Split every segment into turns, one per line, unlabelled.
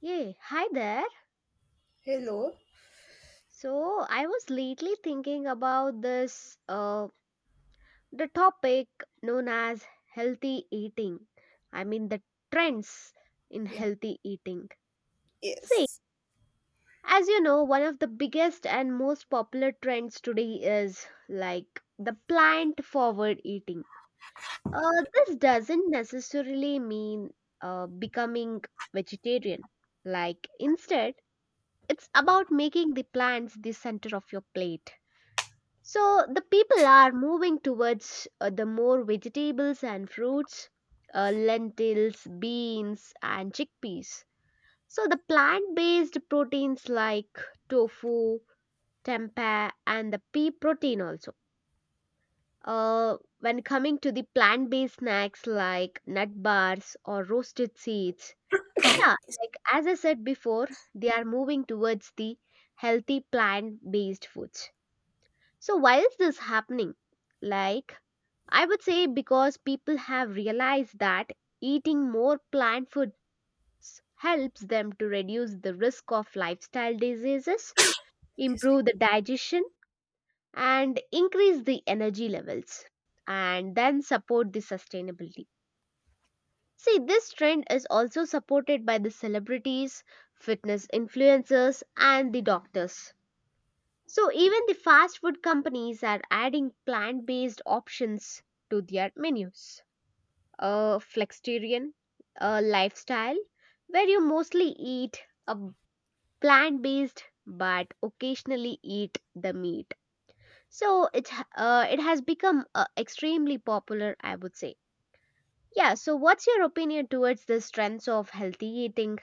Yeah, hi there.
Hello.
So I was lately thinking about this the topic known as healthy eating. I mean the trends in
Yeah.
healthy eating. See,
Yes.
as you know, one of the biggest and most popular trends today is like the plant forward eating. This doesn't necessarily mean becoming vegetarian. Like instead, it's about making the plants the center of your plate. So the people are moving towards the more vegetables and fruits, lentils, beans, and chickpeas. So the plant-based proteins like tofu, tempeh, and the pea protein also. When coming to the plant-based snacks like nut bars or roasted seeds, yeah, like as I said before, they are moving towards the healthy plant-based foods. So why is this is happening? Like I would say because people have realized that eating more plant foods helps them to reduce the risk of lifestyle diseases,
Excuse me.
improve the digestion, and increase the energy levels, and then support the sustainability. See, this trend is also supported by the celebrities, fitness influencers, and the doctors. So, even the fast food companies are adding plant based options to their menus. A flexitarian lifestyle where you mostly eat a plant based but occasionally eat the meat. So it has become extremely popular, I would say. Yeah, so what's your opinion towards the strengths of healthy eating?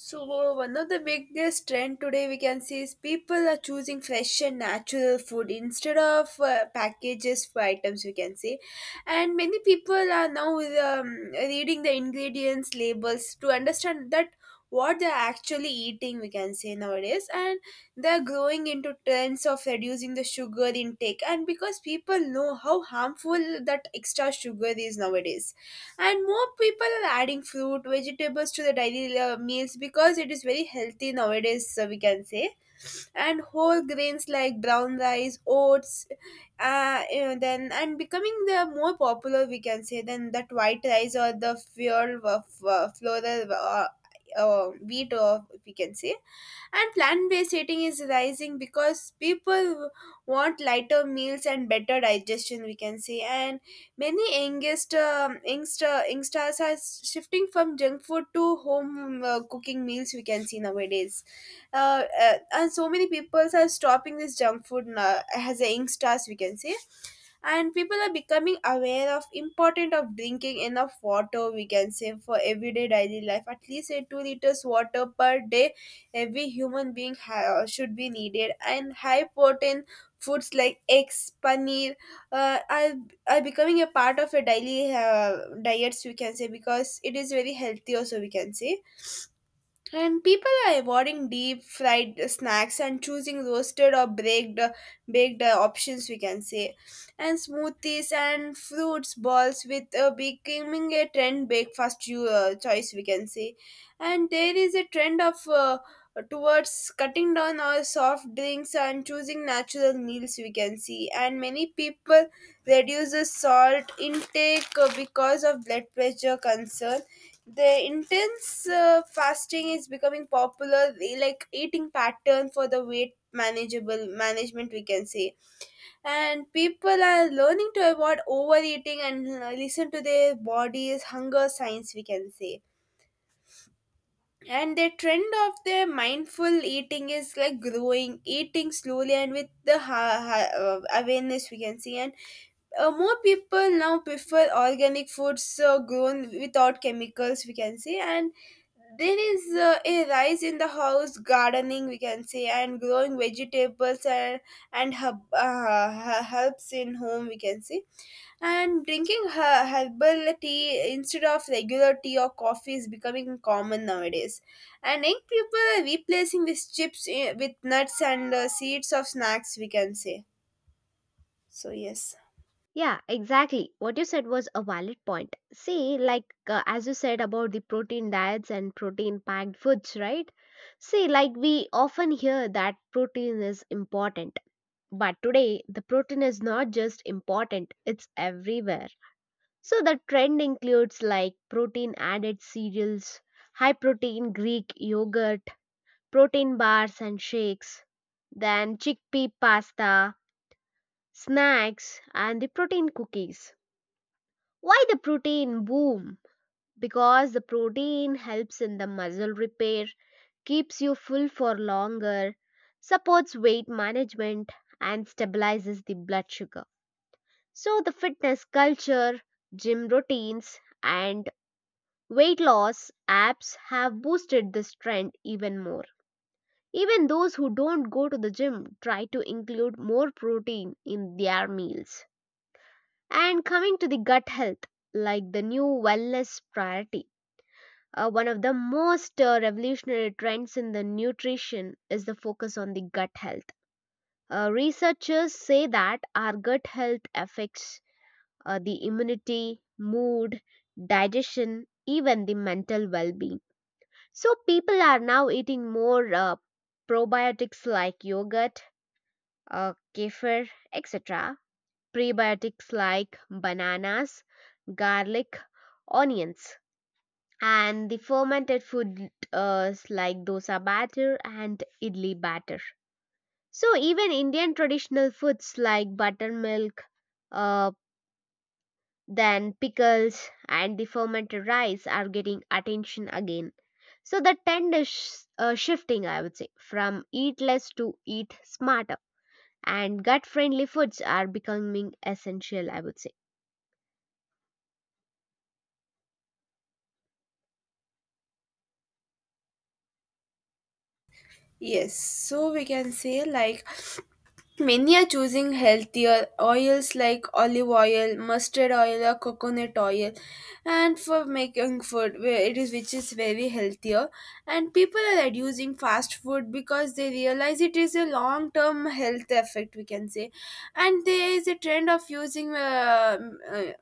So one of the biggest trend today we can see is people are choosing fresh and natural food instead of packages for items we can see, and many people are now um, reading the ingredients labels to understand that what they're actually eating we can say nowadays, and they're growing into trends of reducing the sugar intake and because people know how harmful that extra sugar is nowadays, and more people are adding fruit vegetables to the daily meals because it is very healthy nowadays we can say, and whole grains like brown rice, oats, then and becoming the more popular we can say than that white rice or the fuel of floral wheat or we can say, and plant-based eating is rising because people want lighter meals and better digestion we can say, and many youngest youngsters are shifting from junk food to home cooking meals we can see nowadays, and so many people are stopping this junk food now, as a youngsters we can say, and people are becoming aware of important of drinking enough water we can say for everyday daily life at least a 2 liters water per day every human being should be needed, and high protein foods like eggs paneer uh, are, are becoming a part of a daily diets we can say because it is very healthy also we can say, and people are avoiding deep fried snacks and choosing roasted or baked options we can say. And smoothies and fruits balls with becoming a trend breakfast choice we can say. And there is a trend of towards cutting down our soft drinks and choosing natural meals we can see. And many people reduce the salt intake because of blood pressure concern, the intense fasting is becoming popular like eating pattern for the weight manageable management we can say, and people are learning to avoid overeating and listen to their bodies hunger signs we can say, and the trend of the mindful eating is like growing eating slowly and with the awareness we can see, and more people now prefer organic foods grown without chemicals we can say, and there is a rise in the house gardening we can say and growing vegetables and herbs in home we can say, and drinking herbal tea instead of regular tea or coffee is becoming common nowadays, and young people are replacing these chips with nuts and seeds of snacks we can say, so yes.
Yeah, exactly. What you said was a valid point. See, like as you said about the protein diets and protein packed foods, right? See, like we often hear that protein is important. But today, the protein is not just important, it's everywhere. So the trend includes like protein added cereals, high protein Greek yogurt, protein bars and shakes, then chickpea pasta, snacks, and the protein cookies. Why the protein boom? Because the protein helps in the muscle repair, keeps you full for longer, supports weight management, and stabilizes the blood sugar. So, the fitness culture, gym routines, and weight loss apps have boosted this trend even more. Even those who don't go to the gym try to include more protein in their meals. And coming to the gut health, like the new wellness priority, one of the most revolutionary trends in the nutrition is the focus on the gut health. Researchers say that our gut health affects the immunity, mood, digestion, even the mental well being. So, people are now eating more probiotics like yogurt, kefir, etc., prebiotics like bananas, garlic, onions. And the fermented food like dosa batter and idli batter. So even Indian traditional foods like buttermilk, uh, then pickles and the fermented rice are getting attention again. So the trend is shifting, I would say, from eat less to eat smarter. And gut friendly foods are becoming essential, I would say.
Yes, so we can say like many are choosing healthier oils like olive oil, mustard oil, or coconut oil, and for making food, where it is which is very healthier. And people are reducing fast food because they realize it is a long term health effect, we can say. And there is a trend of using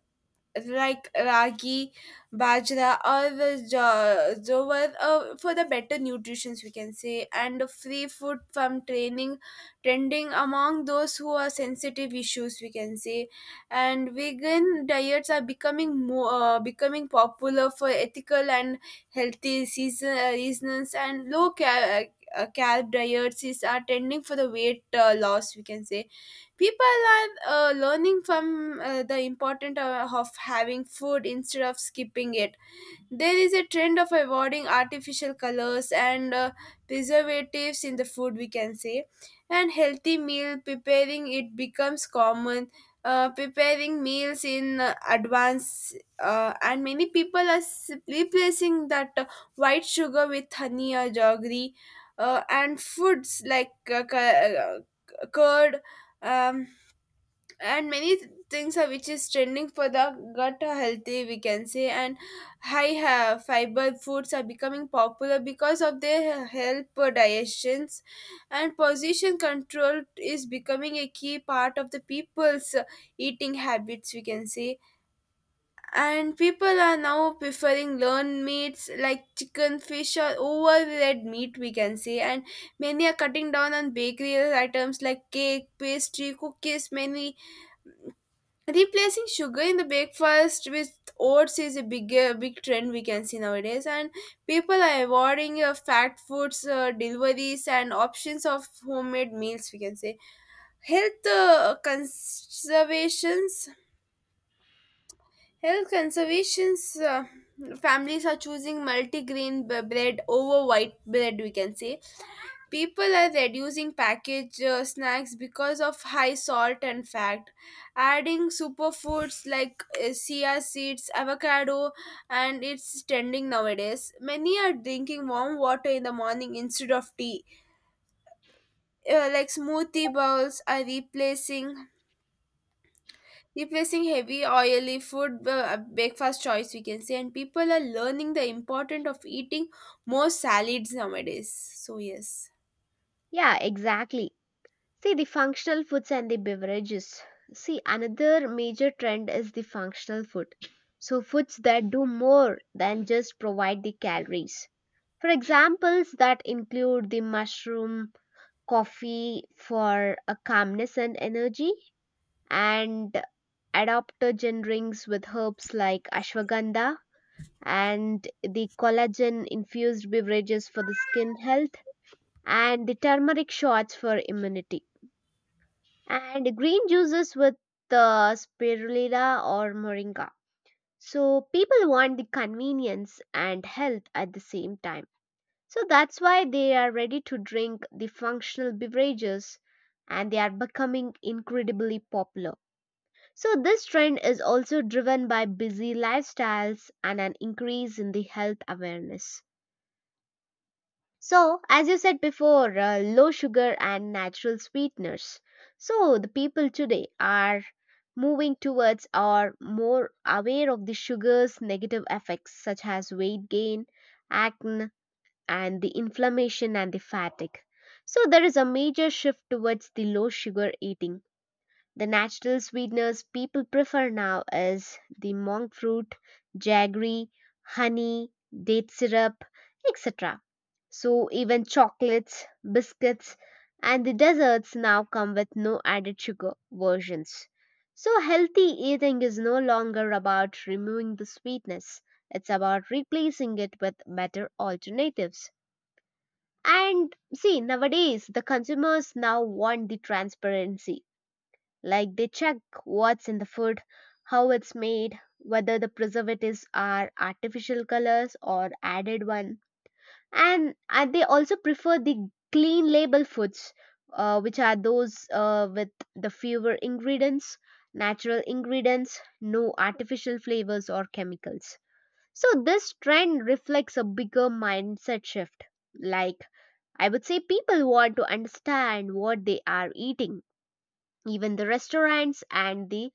like ragi, bajra, or jowar for the better nutrition, we can say, and free food from training, trending among those who are sensitive issues, we can say, and vegan diets are becoming more becoming popular for ethical and healthy season reasons, and carb diets is are trending for the weight loss, we can say. People are learning from the importance of having food instead of skipping it. There is a trend of avoiding artificial colors and preservatives in the food we can say, and healthy meal preparing it becomes common, preparing meals in advance, and many people are replacing that white sugar with honey or jaggery, and foods like curd, um, and many things are which is trending for the gut are healthy we can say, and high fiber foods are becoming popular because of their help for digestions, and position control is becoming a key part of the people's eating habits we can say, and people are now preferring lean meats like chicken fish or over red meat we can say, and many are cutting down on bakery items like cake pastry cookies many. Replacing sugar in the breakfast with oats is a big trend we can see nowadays, and people are avoiding fat foods, deliveries, and options of homemade meals. We can say health conservations. Health conservations. Families are choosing multigrain bread over white bread. We can say people are reducing packaged snacks because of high salt and fat. Adding superfoods like chia seeds, avocado, and it's trending nowadays. Many are drinking warm water in the morning instead of tea. Like smoothie bowls are replacing heavy oily food breakfast choice we can say, and people are learning the importance of eating more salads nowadays, so yes.
Yeah, exactly. See, the functional foods and the beverages. See, another major trend is the functional food. So, foods that do more than just provide the calories. For examples, that include the mushroom, coffee for a calmness and energy, and adaptogen drinks with herbs like ashwagandha, and the collagen infused beverages for the skin health, and the turmeric shots for immunity, and green juices with the spirulina or moringa. So, people want the convenience and health at the same time. So that's why they are ready to drink the functional beverages and they are becoming incredibly popular. So this trend is also driven by busy lifestyles and an increase in the health awareness. So, as you said before, low sugar and natural sweeteners. So, the people today are moving towards or more aware of the sugar's negative effects such as weight gain, acne, and the inflammation and the fatigue. So there is a major shift towards the low sugar eating. The natural sweeteners people prefer now is the monk fruit, jaggery, honey, date syrup, etc. So even chocolates, biscuits, and the desserts now come with no added sugar versions. So healthy eating is no longer about removing the sweetness. It's about replacing it with better alternatives. And see, nowadays the consumers now want the transparency. Like they check what's in the food, how it's made, whether the preservatives are artificial colors or added one. And they also prefer the clean label foods, which are those with the fewer ingredients, natural ingredients, no artificial flavors or chemicals. So this trend reflects a bigger mindset shift, like I would say people want to understand what they are eating. Even the restaurants and the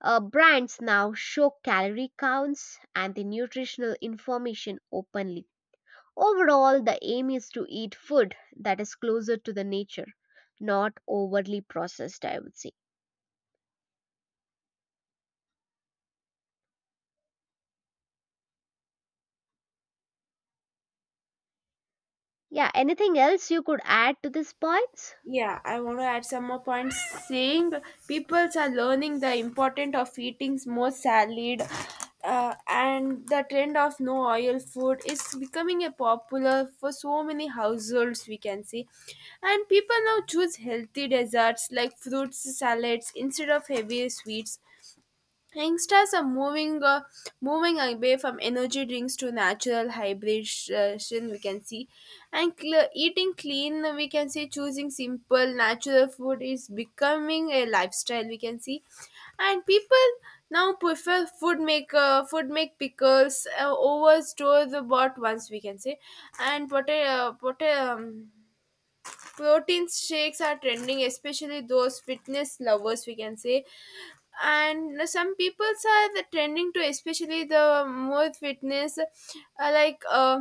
brands now show calorie counts and the nutritional information openly. Overall, the aim is to eat food that is closer to the nature, not overly processed, I would say. Yeah, anything else you could add to these points?
Yeah, I want to add some more points saying peoples are learning the importance of eating more salad, and the trend of no oil food is becoming a popular for so many households we can see, and people now choose healthy desserts like fruits salads instead of heavy sweets. Youngsters are moving away from energy drinks to natural hydration we can see, and eating clean we can say, choosing simple natural food is becoming a lifestyle we can see, and people now prefer food maker food make pickles over store the bought ones we can say, and protein shakes are trending especially those fitness lovers we can say, and some people are the trending to especially the more fitness like uh,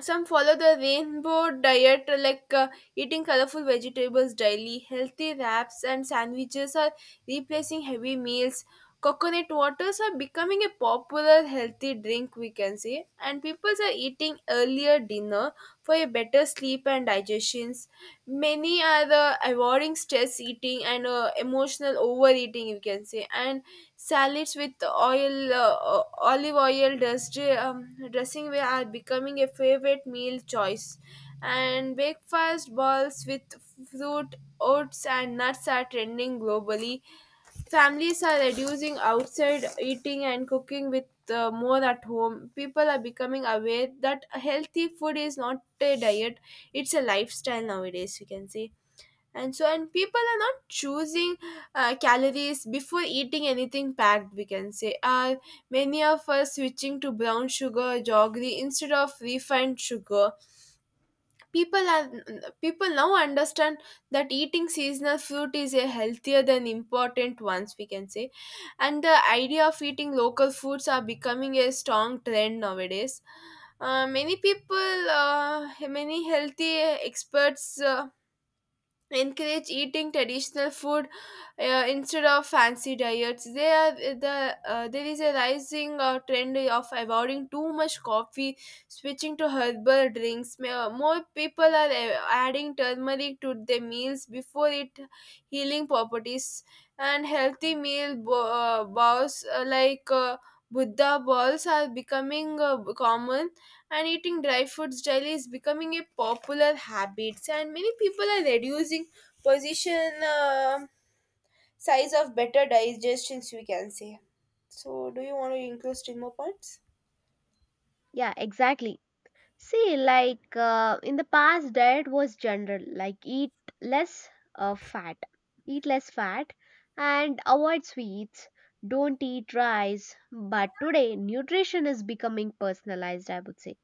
some follow the rainbow diet, eating colorful vegetables daily, healthy wraps and sandwiches are replacing heavy meals. Coconut waters are becoming a popular healthy drink we can say, and people are eating earlier dinner for a better sleep and digestions. Many are the avoiding stress eating and emotional overeating you can say, and salads with oil olive oil dressing way are becoming a favorite meal choice, and breakfast balls with fruit oats and nuts are trending globally. Families are reducing outside eating and cooking with more at home. People are becoming aware that healthy food is not a diet, it's a lifestyle nowadays, you can say. And so, and people are not choosing calories before eating anything packed, we can say. Many of us switching to brown sugar, or jaggery instead of refined sugar. People are, people now understand that eating seasonal fruit is a healthier than important ones we can say, and the idea of eating local foods are becoming a strong trend nowadays. Many people, many healthy experts encourage eating traditional food instead of fancy diets they are the there is a rising trend of avoiding too much coffee, switching to herbal drinks. More people are adding turmeric to their meals before it healing properties, and healthy bowls buddha balls are becoming common, and eating dry foods daily is becoming a popular habit, and many people are reducing position, um, size of better digestions we can say. So do you want to include still more points?
Yeah, exactly. See, like in the past, diet was general, like less uh, fat, eat less fat, and avoid sweets. Don't eat rice. But today, nutrition is becoming personalized, I would say.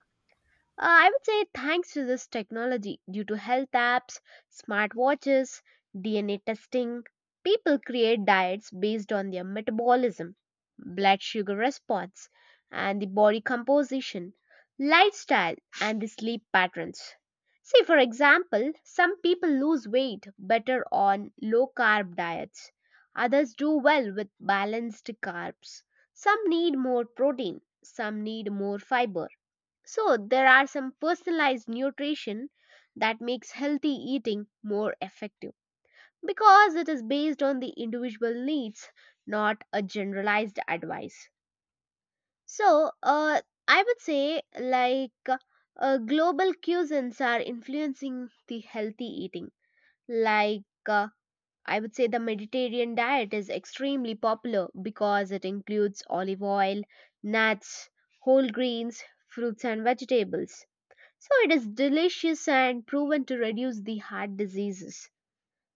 I would say thanks to this technology, due to health apps, smartwatches, DNA testing, people create diets based on their metabolism, blood sugar response, and the body composition, lifestyle, and the sleep patterns. See, for example, some people lose weight better on low carb diets. Others do well with balanced carbs. Some need more protein. Some need more fiber, so there are some personalized nutrition that makes healthy eating more effective because it is based on the individual needs, not a generalized advice. So uh, I would say like global cuisines are influencing the healthy eating. Like uh, I would say the Mediterranean diet is extremely popular because it includes olive oil, nuts, whole grains, fruits and vegetables, so it is delicious and proven to reduce the heart diseases.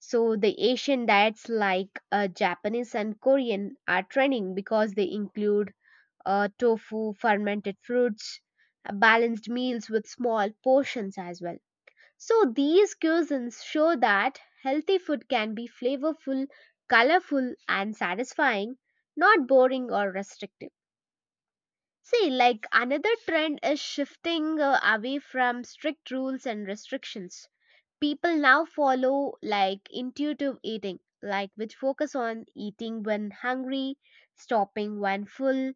So the Asian diets like Japanese and Korean are trending because they include tofu, fermented fruits, balanced meals with small portions as well. So these cuisines show that healthy food can be flavorful, colorful, and satisfying, not boring or restrictive. See, like another trend is shifting away from strict rules and restrictions. People now follow like intuitive eating, like which focus on eating when hungry, stopping when full,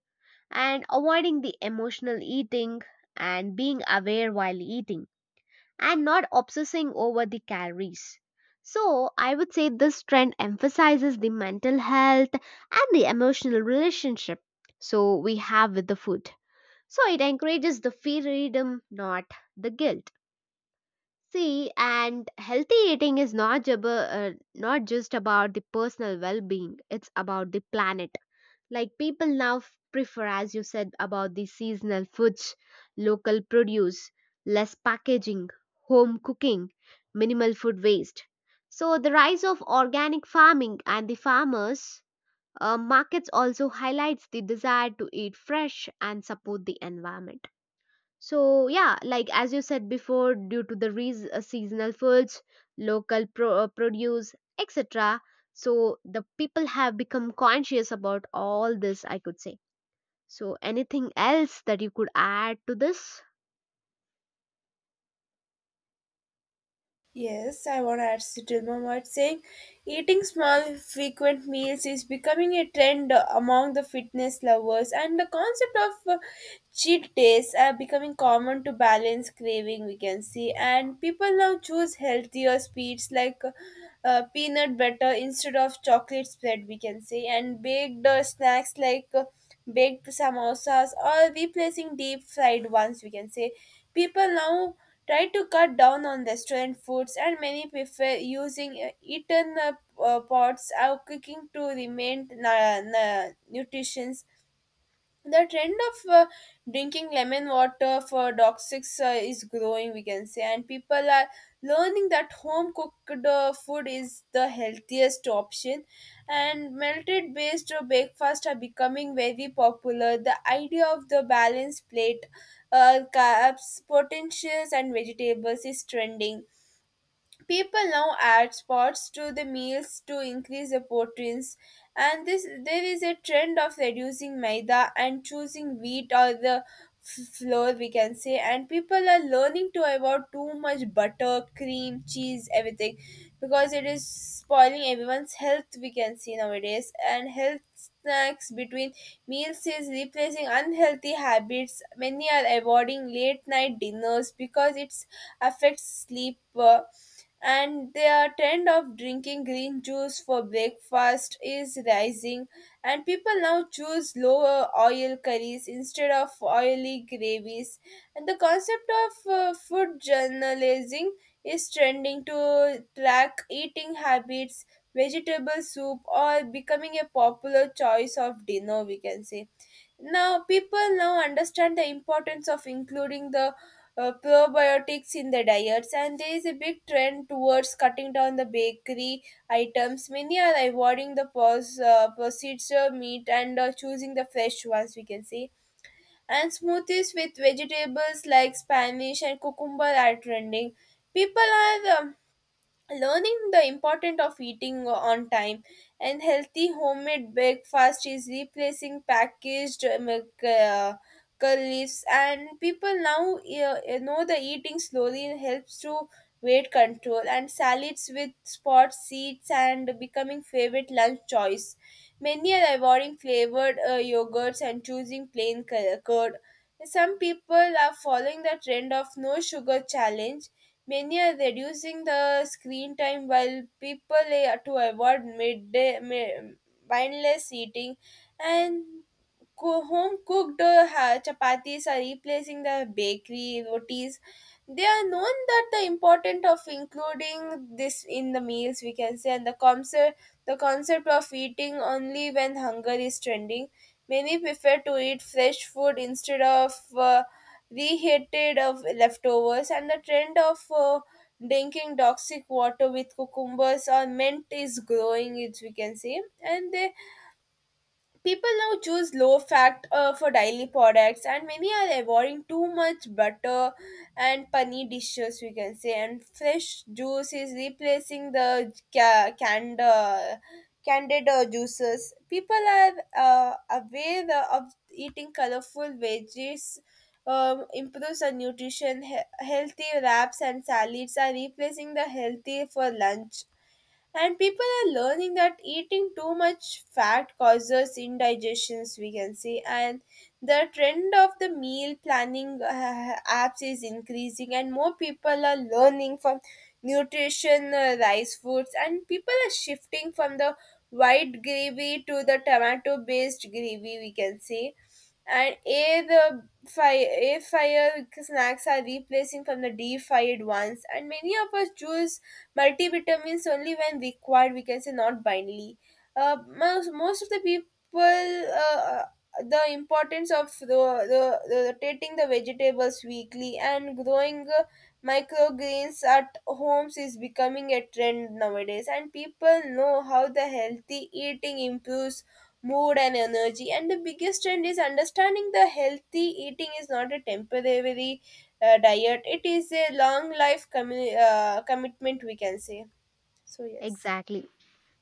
and avoiding the emotional eating and being aware while eating and not obsessing over the calories. So, I would say this trend emphasizes the mental health and the emotional relationship. So, we have with the food. So it encourages the freedom, not the guilt. See, and healthy eating is not just about the personal well-being; it's about the planet. Like people now prefer, as you said, about the seasonal foods, local produce, less packaging, home cooking, minimal food waste. So the rise of organic farming and the farmers markets also highlights the desire to eat fresh and support the environment, so yeah, like as you said before, due to the seasonal foods, produce, etc. So the people have become conscious about all this, I could say. So anything else that you could add to this?
Yes, I want to add Sitilma Mart saying eating small, frequent meals is becoming a trend among the fitness lovers, and the concept of cheat days are becoming common to balance craving, we can see. And people now choose healthier sweets like peanut butter instead of chocolate spread, we can say, and baked snacks like baked samosas or replacing deep fried ones, we can say. People now try to cut down on restaurant foods, and many prefer using eaten pots or cooking to remain nutrition. The trend of drinking lemon water for toxics is growing, we can say, and people are learning that home cooked food is the healthiest option, and melted based breakfast are becoming very popular. The idea of the balanced plate, carbs potentials and vegetables, is trending. People now add spots to the meals to increase the proteins, and this there is a trend of reducing maida and choosing wheat or the flour, we can say, and people are learning to avoid too much butter, cream cheese, everything because it is spoiling everyone's health, we can see nowadays. And health snacks between meals is replacing unhealthy habits. Many are avoiding late night dinners because it affects sleep, and their trend of drinking green juice for breakfast is rising, and people now choose lower oil curries instead of oily gravies, and the concept of food journalism is trending to track eating habits. Vegetable soup or becoming a popular choice of dinner, we can say. Now people now understand the importance of including the probiotics in the diets, and there is a big trend towards cutting down the bakery items. Many are avoiding the procedure meat and choosing the fresh ones, we can see, and smoothies with vegetables like spanish and cucumber are trending. People are learning the importance of eating on time, and healthy homemade breakfast is replacing packaged milk leaves, and people now know the eating slowly helps to weight control, and salads with spot seeds and becoming favorite lunch choice. Many are avoiding flavored yogurts and choosing plain curd. Some people are following the trend of no sugar challenge. Many are reducing the screen time while people to avoid midday mindless eating, and home cooked chapatis are replacing the bakery rotis. They are known that the importance of including this in the meals, we can say, and the concept of eating only when hunger is trending. Many prefer to eat fresh food instead of reheated of leftovers, and the trend of drinking toxic water with cucumbers or mint is growing. It we can say, and they People now choose low fat for daily products, and many are avoiding too much butter and paneer dishes, we can say. And fresh juice is replacing the canned, candid juices. People are aware of eating colorful veggies. Improves our nutrition. Healthy wraps and salads are replacing the healthy for lunch, and people are learning that eating too much fat causes indigestions, we can say. And the trend of the meal planning apps is increasing, and more people are learning from nutrition, rice foods, and people are shifting from the white gravy to the tomato based gravy, we can say, and air fire snacks are replacing from the deep fried ones, and many of us choose multivitamins only when required, we can say, not blindly. Most of the people uh, the importance of the rotating the vegetables weekly and growing microgreens at homes is becoming a trend nowadays, and people know how the healthy eating improves mood and energy. And the biggest trend is understanding the healthy eating is not a temporary diet. It is a long life commitment, we can say. So, yes.
Exactly.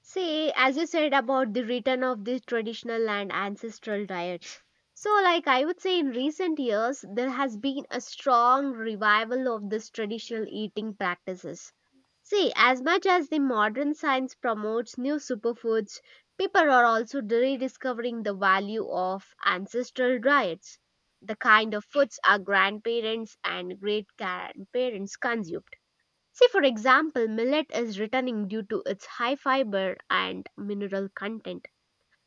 See, as you said about the return of the traditional and ancestral diets. So, like I would say, in recent years, there has been a strong revival of this traditional eating practices. See, as much as the modern science promotes new superfoods, people are also rediscovering the value of ancestral diets, the kind of foods our grandparents and great grandparents consumed. See, for example, millet is returning due to its high fiber and mineral content.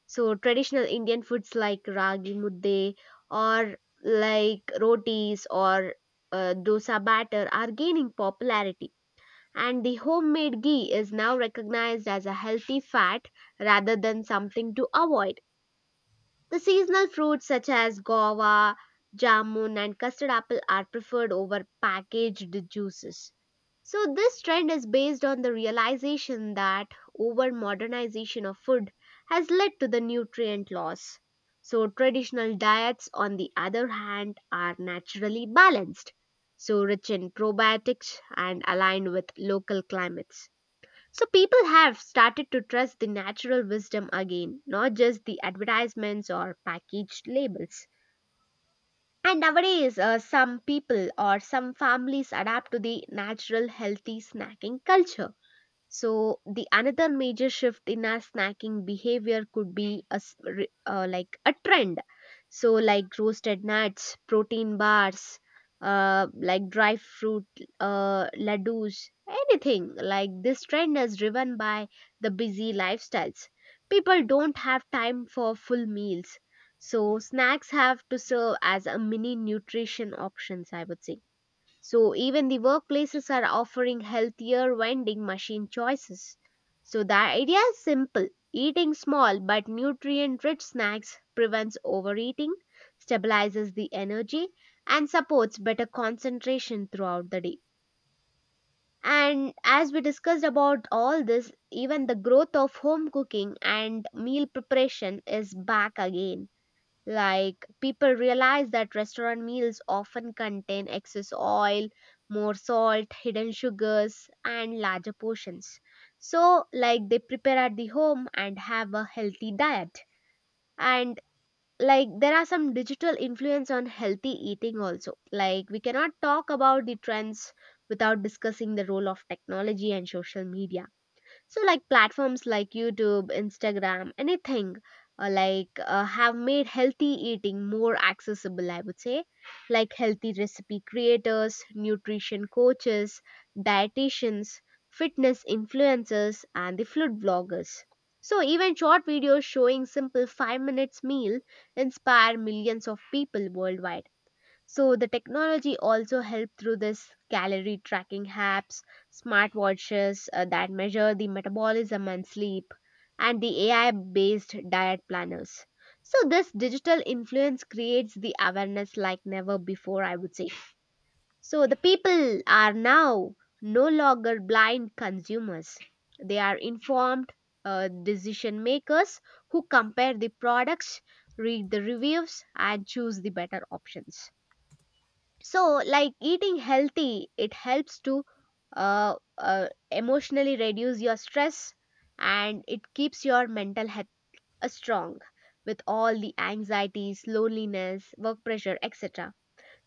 So, traditional Indian foods like ragi mudde or like rotis or dosa batter are gaining popularity. And the homemade ghee is now recognized as a healthy fat rather than something to avoid. The seasonal fruits such as guava, jamun, and custard apple are preferred over packaged juices. So, this trend is based on the realization that over modernization of food has led to the nutrient loss. So, traditional diets, on the other hand, are naturally balanced, so rich in probiotics and aligned with local climates. So people have started to trust the natural wisdom again, not just the advertisements or packaged labels. And nowadays, some people or some families adapt to the natural healthy snacking culture, so the another major shift in our snacking behavior could be like a trend. So like roasted nuts, protein bars, like dry fruit laddus, anything like this trend is driven by the busy lifestyles. People don't have time for full meals, so snacks have to serve as a mini nutrition options, I would say. So even the workplaces are offering healthier vending machine choices. So the idea is simple. Eating small but nutrient rich snacks prevents overeating, stabilizes the energy, and supports better concentration throughout the day. And as we discussed about all this, even the growth of home cooking and meal preparation is back again. Like people realize that restaurant meals often contain excess oil, more salt, hidden sugars, and larger portions. So, like they prepare at the home and have a healthy diet. And like there are some digital influence on healthy eating also. Like we cannot talk about the trends without discussing the role of technology and social media, so, like platforms like YouTube, Instagram, anything have made healthy eating more accessible, I would say. Like healthy recipe creators, nutrition coaches, dietitians, fitness influencers, and the food bloggers. So, even short videos showing simple 5 minute minutes meal inspire millions of people worldwide. So the technology also helped through this calorie tracking apps, smartwatches that measure the metabolism and sleep, and the AI-based diet planners. So this digital influence creates the awareness like never before, I would say. So the people are now no longer blind consumers. They are informed decision makers who compare the products, read the reviews, and choose the better options. So like eating healthy, it helps to emotionally reduce your stress and it keeps your mental health strong with all the anxieties, loneliness, work pressure, etc.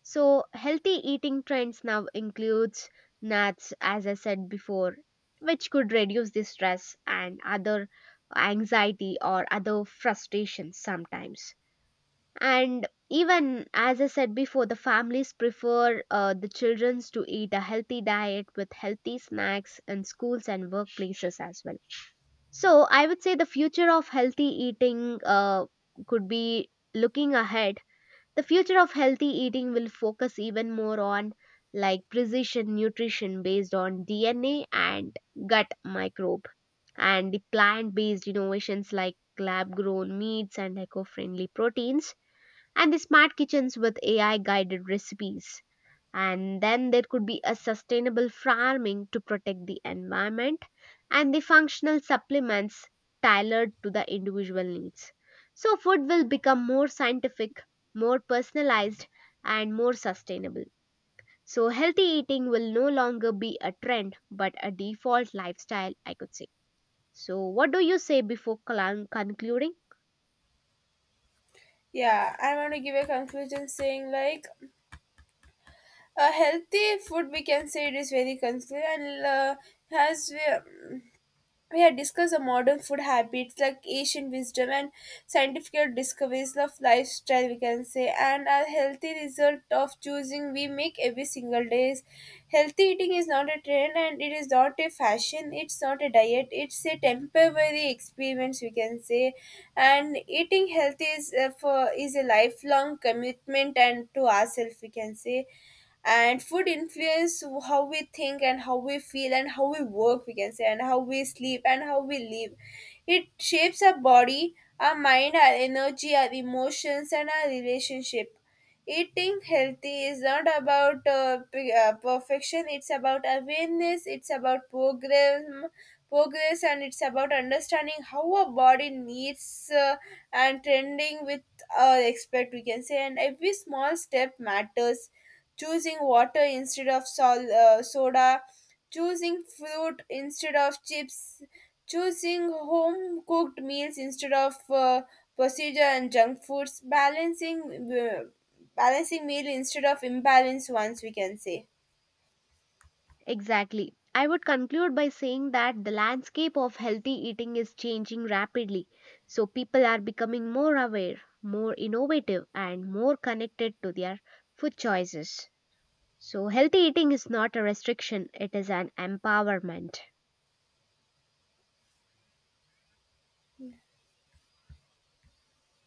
So healthy eating trends now includes nuts, as I said before, which could reduce the stress and other anxiety or other frustrations sometimes. And even as I said before, the families prefer the children to eat a healthy diet with healthy snacks in schools and workplaces as well. So I would say the future of healthy eating could be looking ahead. The future of healthy eating will focus even more on like precision nutrition based on DNA and gut microbe, and the plant based innovations like lab grown meats and eco friendly proteins, and the smart kitchens with AI guided recipes. And then there could be a sustainable farming to protect the environment and the functional supplements tailored to the individual needs. So, food will become more scientific, more personalized, and more sustainable. So, healthy eating will no longer be a trend but a default lifestyle, I could say. So, what do you say before concluding?
Yeah, I want to give a conclusion saying like a healthy food, we can say, it is very conclusive and has. We had discussed the modern food habits like ancient wisdom and scientific discoveries of lifestyle, we can say, and a healthy result of choosing we make every single day. Is Healthy eating is not a trend, and it is not a fashion, it's not a diet, it's a temporary experience, we can say. And eating healthy is, is a lifelong commitment and to ourselves, we can say, and food influence how we think and how we feel and how we work, we can say, and how we sleep and how we live. It shapes our body, our mind, our energy, our emotions, and our relationship. Eating healthy is not about perfection, it's about awareness, it's about progress, and it's about understanding how our body needs, and trending with expect, we can say, and every small step matters. Choosing water instead of soda, choosing fruit instead of chips, choosing home cooked meals instead of procedure and junk foods, balancing uh, balancing meal instead of imbalanced ones, we can say.
Exactly. I would conclude by saying that the landscape of healthy eating is changing rapidly. So people are becoming more aware, more innovative, and more connected to their food choices. So healthy eating is not a restriction, it is an empowerment.